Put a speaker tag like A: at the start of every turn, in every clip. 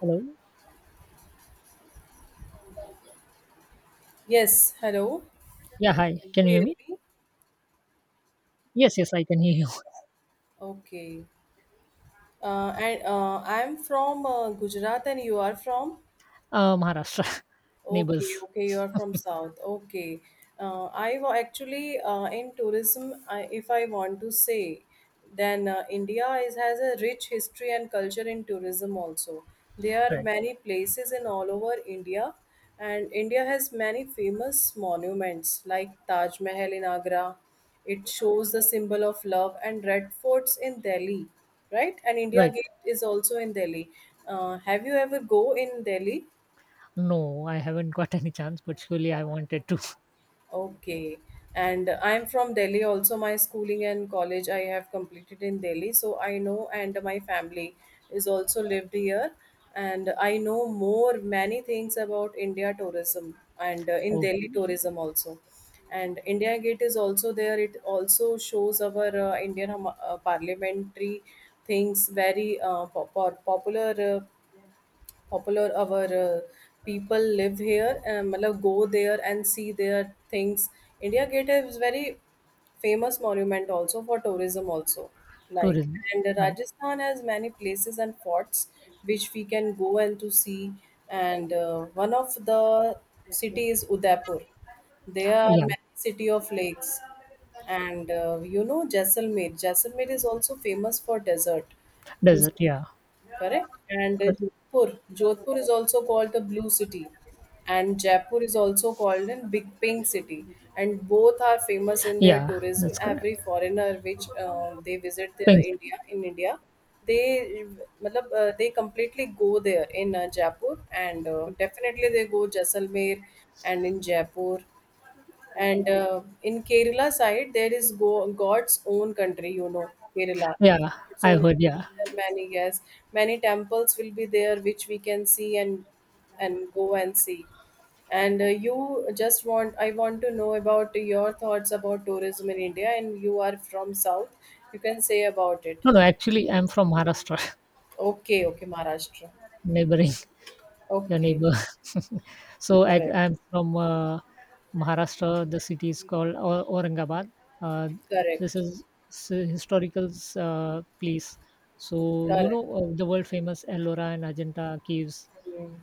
A: Hello.
B: Yes, hello.
A: Yeah, hi. Can
B: Do
A: you
B: you
A: hear me?
B: hear me?
A: Yes, yes, I can hear you.
B: Okay. And I'm from Gujarat, and you are from?
A: Maharashtra
B: Okay,
A: neighbors.
B: okay, you are from South. Okay. I wa- actually In tourism, I, if I want to say, then India is, has a rich history and culture in tourism also. There are
A: Right,
B: many places in all over India, and India has many famous monuments like Taj Mahal in Agra. It shows the symbol of love and red forts in Delhi, right? And India
A: right.
B: Gate is also in Delhi. Have you ever go in Delhi?
A: No, I haven't got any chance, but surely I wanted to.
B: Okay. And I'm from Delhi also. My schooling and college I have completed in Delhi. So I know, and my family is also lived here. And I know more many things about India tourism and in Delhi
A: Okay,
B: tourism also. And India Gate is also there. It also shows our Indian parliamentary things very popular. Popular our people live here and matlab, go there and see their things. India Gate is very famous monument also for tourism also. Like
A: tourism.
B: and
A: Right.
B: Rajasthan has many places and forts which we can go and to see. And one of the city is Udaipur. There are
A: Yeah,
B: many city of lakes, and you know Jaisalmer is also famous for desert,
A: desert. Yeah,
B: correct? And
A: Cor-
B: Jodhpur. Jodhpur is also called the Blue City, and Jaipur is also called in Big Pink City. And both are famous in their
A: yeah,
B: tourism.
A: that's
B: Every
A: correct.
B: foreigner which they visit their
A: Pink city.
B: India in India, they matlab, they completely go there in Jaipur, and definitely they go Jaisalmer and in Jaipur. And in Kerala side, there is God's own country, you know, Kerala.
A: Yeah,
B: God's
A: I
B: own
A: heard. Yeah.
B: country, there are many, yes, many temples will be there which we can see and go and see. And you just want I want to know about your thoughts about tourism in India, and you are from South. You can say about it.
A: No, no. Actually, I'm from Maharashtra,
B: Okay, okay, Maharashtra.
A: neighboring your
B: Okay,
A: neighbor. So I,
B: correct,
A: I'm from Maharashtra. The city is called Aurangabad. Uh, this
B: correct,
A: is historical place. So you
B: correct.
A: know the world famous Ellora and Ajanta caves.
B: Hmm.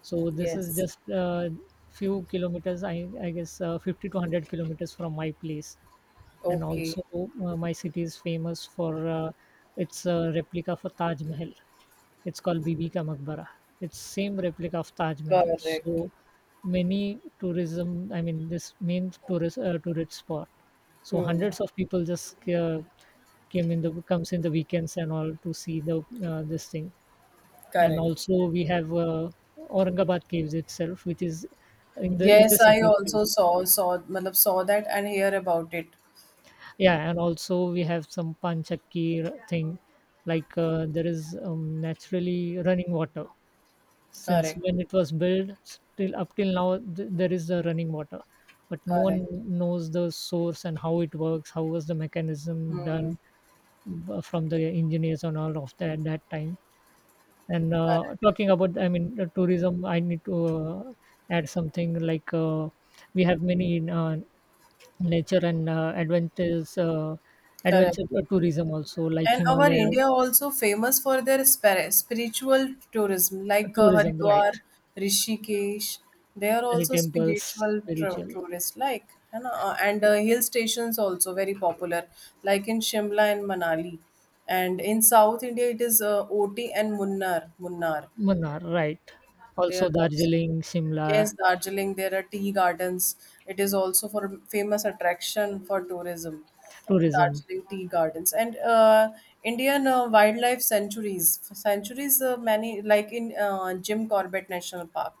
A: So this is
B: Yes,
A: just few kilometers. I guess 50 to 100 kilometers from my place. And
B: okay,
A: also my city is famous for its replica for Taj Mahal. It's called Bibi Ka Maqbara. It's same replica of Taj Mahal.
B: correct.
A: So many tourism, I mean, this main tourist tourist spot. So
B: Hmm.
A: hundreds of people just came in the comes in the weekends and all to see the this thing. And
B: Correct.
A: also we have Aurangabad caves itself, which is in the
B: Yes, I
A: city itself.
B: also saw मतलब saw that and hear about it.
A: Yeah, and also we have some Panchakir thing, like there is naturally running water since
B: Correct.
A: when it was built still up till now there is the running water, but no
B: Correct.
A: one knows the source and how it works, how was the mechanism
B: Hmm.
A: done from the engineers and all of that that time. And talking about, I mean, the tourism, I need to add something like we have many nature and
B: Correct.
A: adventure tourism also, like
B: And our
A: Himalayas
B: India also famous for their spiritual tourism, like
A: tourism, right,
B: Haridwar, Rishikesh. They are
A: many
B: also
A: temples,
B: spiritual
A: spiritual.
B: tourists, like है ना? And Hill stations also very popular, like in Shimla and Manali. And in South India, it is Oti and Munnar.
A: Munnar, right.
B: They
A: Also
B: are also.
A: Darjeeling,
B: Yes,
A: Simla,
B: Darjeeling, there are tea gardens. It is also for famous attraction for tourism,
A: tourism,
B: Darjeeling tea gardens. And Indian wildlife sanctuaries many like in Jim Corbett National Park.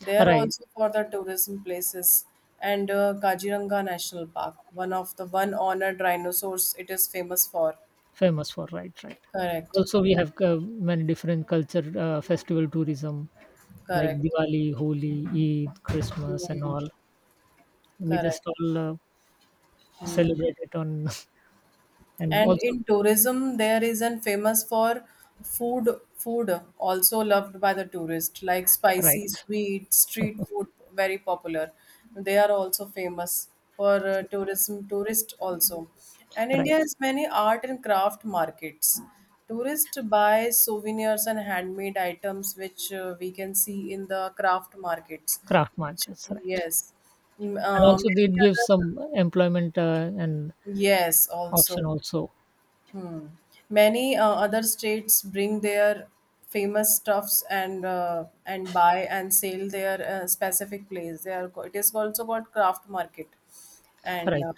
B: They are
A: right.
B: also for the tourism places, and Kaziranga National Park, one of the one honored rhinoceros it is famous for.
A: Famous for, right, right.
B: Correct,
A: Also, we have many different culture festival tourism like
B: correct,
A: Diwali, Holi, Eid, Christmas, and
B: hmm,
A: all. We just
B: correct.
A: all
B: Hmm.
A: celebrate it on, and
B: And
A: also,
B: in tourism, there is an famous for food also loved by the tourist, like
A: right,
B: spicy, sweet, street food, very popular. They are also famous for tourism, tourist also. And India
A: right,
B: has many art and craft markets. Tourists buy souvenirs and handmade items, which we can see in the craft markets.
A: craft
B: Which,
A: markets, right.
B: yes, mm,
A: And also,
B: many
A: it gives
B: other,
A: some employment and
B: yes, also.
A: option also,
B: Many other states bring their famous stuffs and buy and sell their specific place. They are it is also called craft market, and
A: right.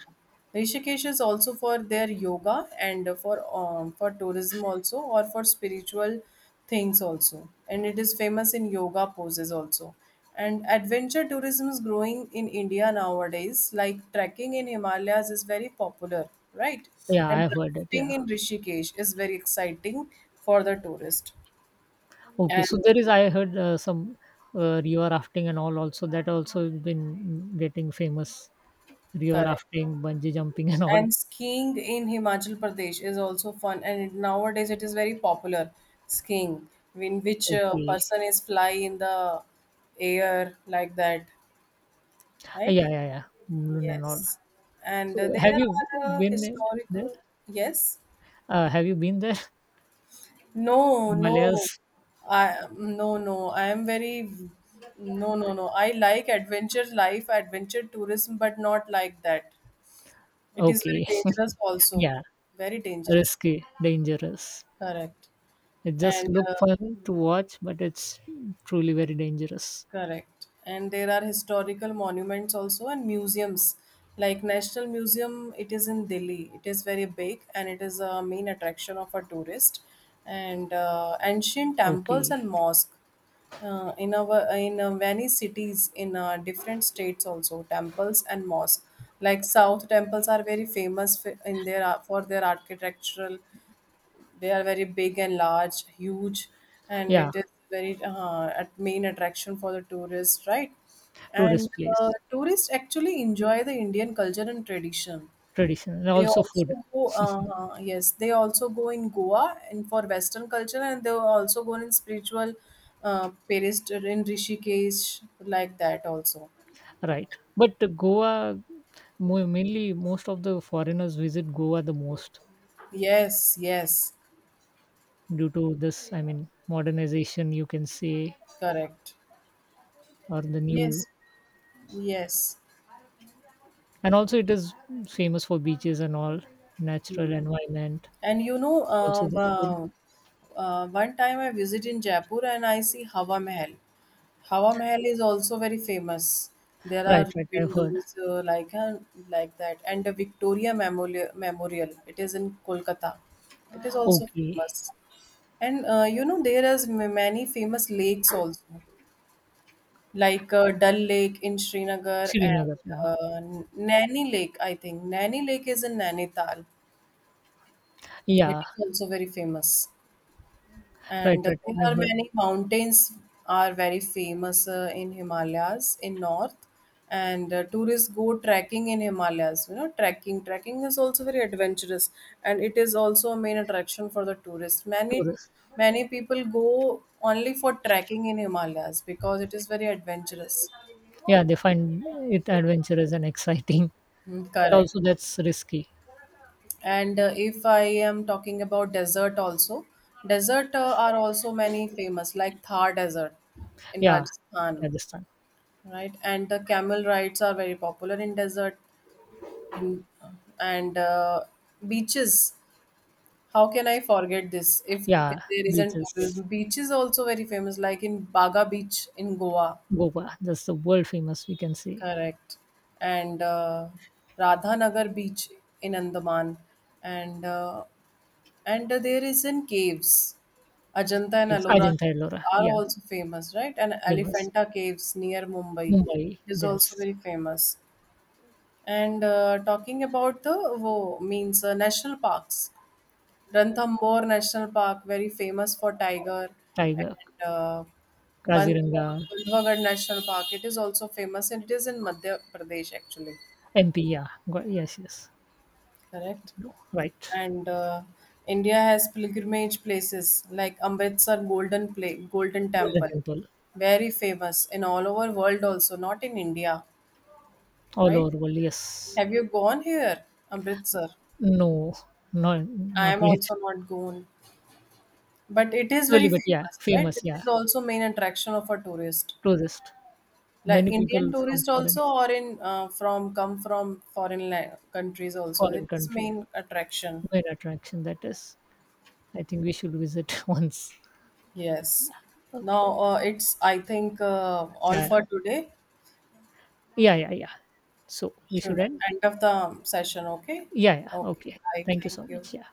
B: Rishikesh is also for their yoga and for tourism also or for spiritual things also, and it is famous in yoga poses also. And adventure tourism is growing in India nowadays. Like trekking in Himalayas is very popular, right?
A: Yeah, I
B: And
A: have heard it,
B: rafting
A: yeah.
B: in Rishikesh is very exciting for the tourist.
A: Okay,
B: And
A: so there is I heard some river rafting and all, also that also has been getting famous, river
B: correct.
A: rafting, bungee jumping and all.
B: And skiing in Himachal Pradesh is also fun. And nowadays it is very popular skiing, in which
A: Okay.
B: person is fly in the air like that, right?
A: Yeah, yeah, yeah, Mulund and all.
B: Yes. And
A: So
B: there
A: have you
B: are
A: been there?
B: historical, yes.
A: Have you been there?
B: No,
A: Himalayas.
B: no, I no, no. I am very no, no, no. I like adventure life, adventure tourism, but not like that. It is very
A: Okay,
B: dangerous also.
A: yeah,
B: Very dangerous.
A: risky, dangerous.
B: Correct.
A: It just
B: And
A: look fun to watch, but it's truly very dangerous.
B: Correct. And there are historical monuments also and museums. Like National Museum, it is in Delhi. It is very big and it is a main attraction of a tourist. And ancient temples
A: Okay,
B: and mosque in our in many cities in different states also temples and mosque. Like South temples are very famous in their for their architectural, they are very big and large huge, and
A: yeah,
B: it is very at main attraction for the tourists, right? And
A: tourist place,
B: tourists actually enjoy the Indian culture and tradition.
A: tradition, and
B: They
A: also food.
B: also go, yes, they also go in Goa and for western culture, and they also go in spiritual paris in Rishikesh, like that also.
A: Right. But Goa, mainly most of the foreigners visit Goa the most
B: Yes, yes,
A: due to this, I mean, modernization, you can say,
B: correct,
A: or the new.
B: yes, yes.
A: And also, it is famous for beaches and all, natural
B: Hmm.
A: environment,
B: And you know,
A: also the food.
B: one time I visited in Jaipur and I see Hawa Mahal. Hawa Mahal is also very famous. There are
A: Right, right, I've heard.
B: windows like that, and the Victoria Memorial. It is in Kolkata. It is also
A: Okay.
B: famous. And you know, there is many famous lakes also, like Dal Lake in Srinagar and
A: Srinagar. Yeah,
B: Naini Lake, I think. Naini Lake is in Nainital. It
A: yeah,
B: is also very famous.
A: right,
B: And
A: right,
B: there
A: I've
B: are
A: heard.
B: many mountains are very famous in Himalayas in north, and tourists go trekking in Himalayas. You know, trekking is also very adventurous, and it is also a main attraction for the tourists.
A: Tourists.
B: Many people go only for trekking in Himalayas because it is very adventurous.
A: Yeah, they find it adventurous and exciting,
B: Mm,
A: but
B: correct.
A: also that's risky.
B: And if I am talking about desert also, desert are also many famous like Thar desert in
A: Yeah,
B: Rajasthan,
A: Rajasthan.
B: right? And the camel rides are very popular in desert, in and beaches. How can I forget this? If
A: Yeah,
B: there isn't
A: beaches.
B: tourism, beaches also very famous, like in Baga Beach in Goa,
A: Goa, that's the world famous, we can say.
B: correct, and Radhanagar Beach in Andaman, and there is in caves. Ajanta and
A: It's
B: Ellora
A: Ajanta Ellora,
B: are
A: yeah,
B: also famous, right? And
A: famous.
B: Elephanta Caves near Mumbai
A: Mumbai,
B: is also
A: yes.
B: very famous. And talking about the wo means national parks, Ranthambore National Park, very famous for tiger,
A: Tiger,
B: and Bandh-
A: Kaziranga,
B: Bandhavgarh National Park. It is also famous, and it is in Madhya Pradesh actually.
A: MP, yeah. Yes, yes.
B: Correct.
A: No, right.
B: And India has pilgrimage places like Amritsar Golden
A: Golden
B: Temple,
A: Temple,
B: very famous in all over world also, not in India,
A: all
B: right?
A: over world, yes.
B: Have you gone here, Amritsar?
A: No, no,
B: I
A: not
B: am
A: yet.
B: also not gone, but it is very
A: Surely, but yeah,
B: famous, right?
A: famous,
B: It
A: yeah.
B: is also main attraction of a tourist,
A: Tourist.
B: like
A: Many
B: Indian
A: people from
B: tourist also, or in from come from foreign countries also. It
A: foreign
B: is
A: country.
B: main attraction.
A: Main attraction that is. I think we should visit once.
B: Yes.
A: Okay.
B: Now it's I think all
A: Yeah,
B: for today.
A: yeah, yeah, yeah, yeah. So we should
B: Should
A: end.
B: end of the session. Okay.
A: Yeah, yeah.
B: Okay.
A: Okay.
B: I
A: Thank you
B: thank
A: so
B: you.
A: much. Yeah.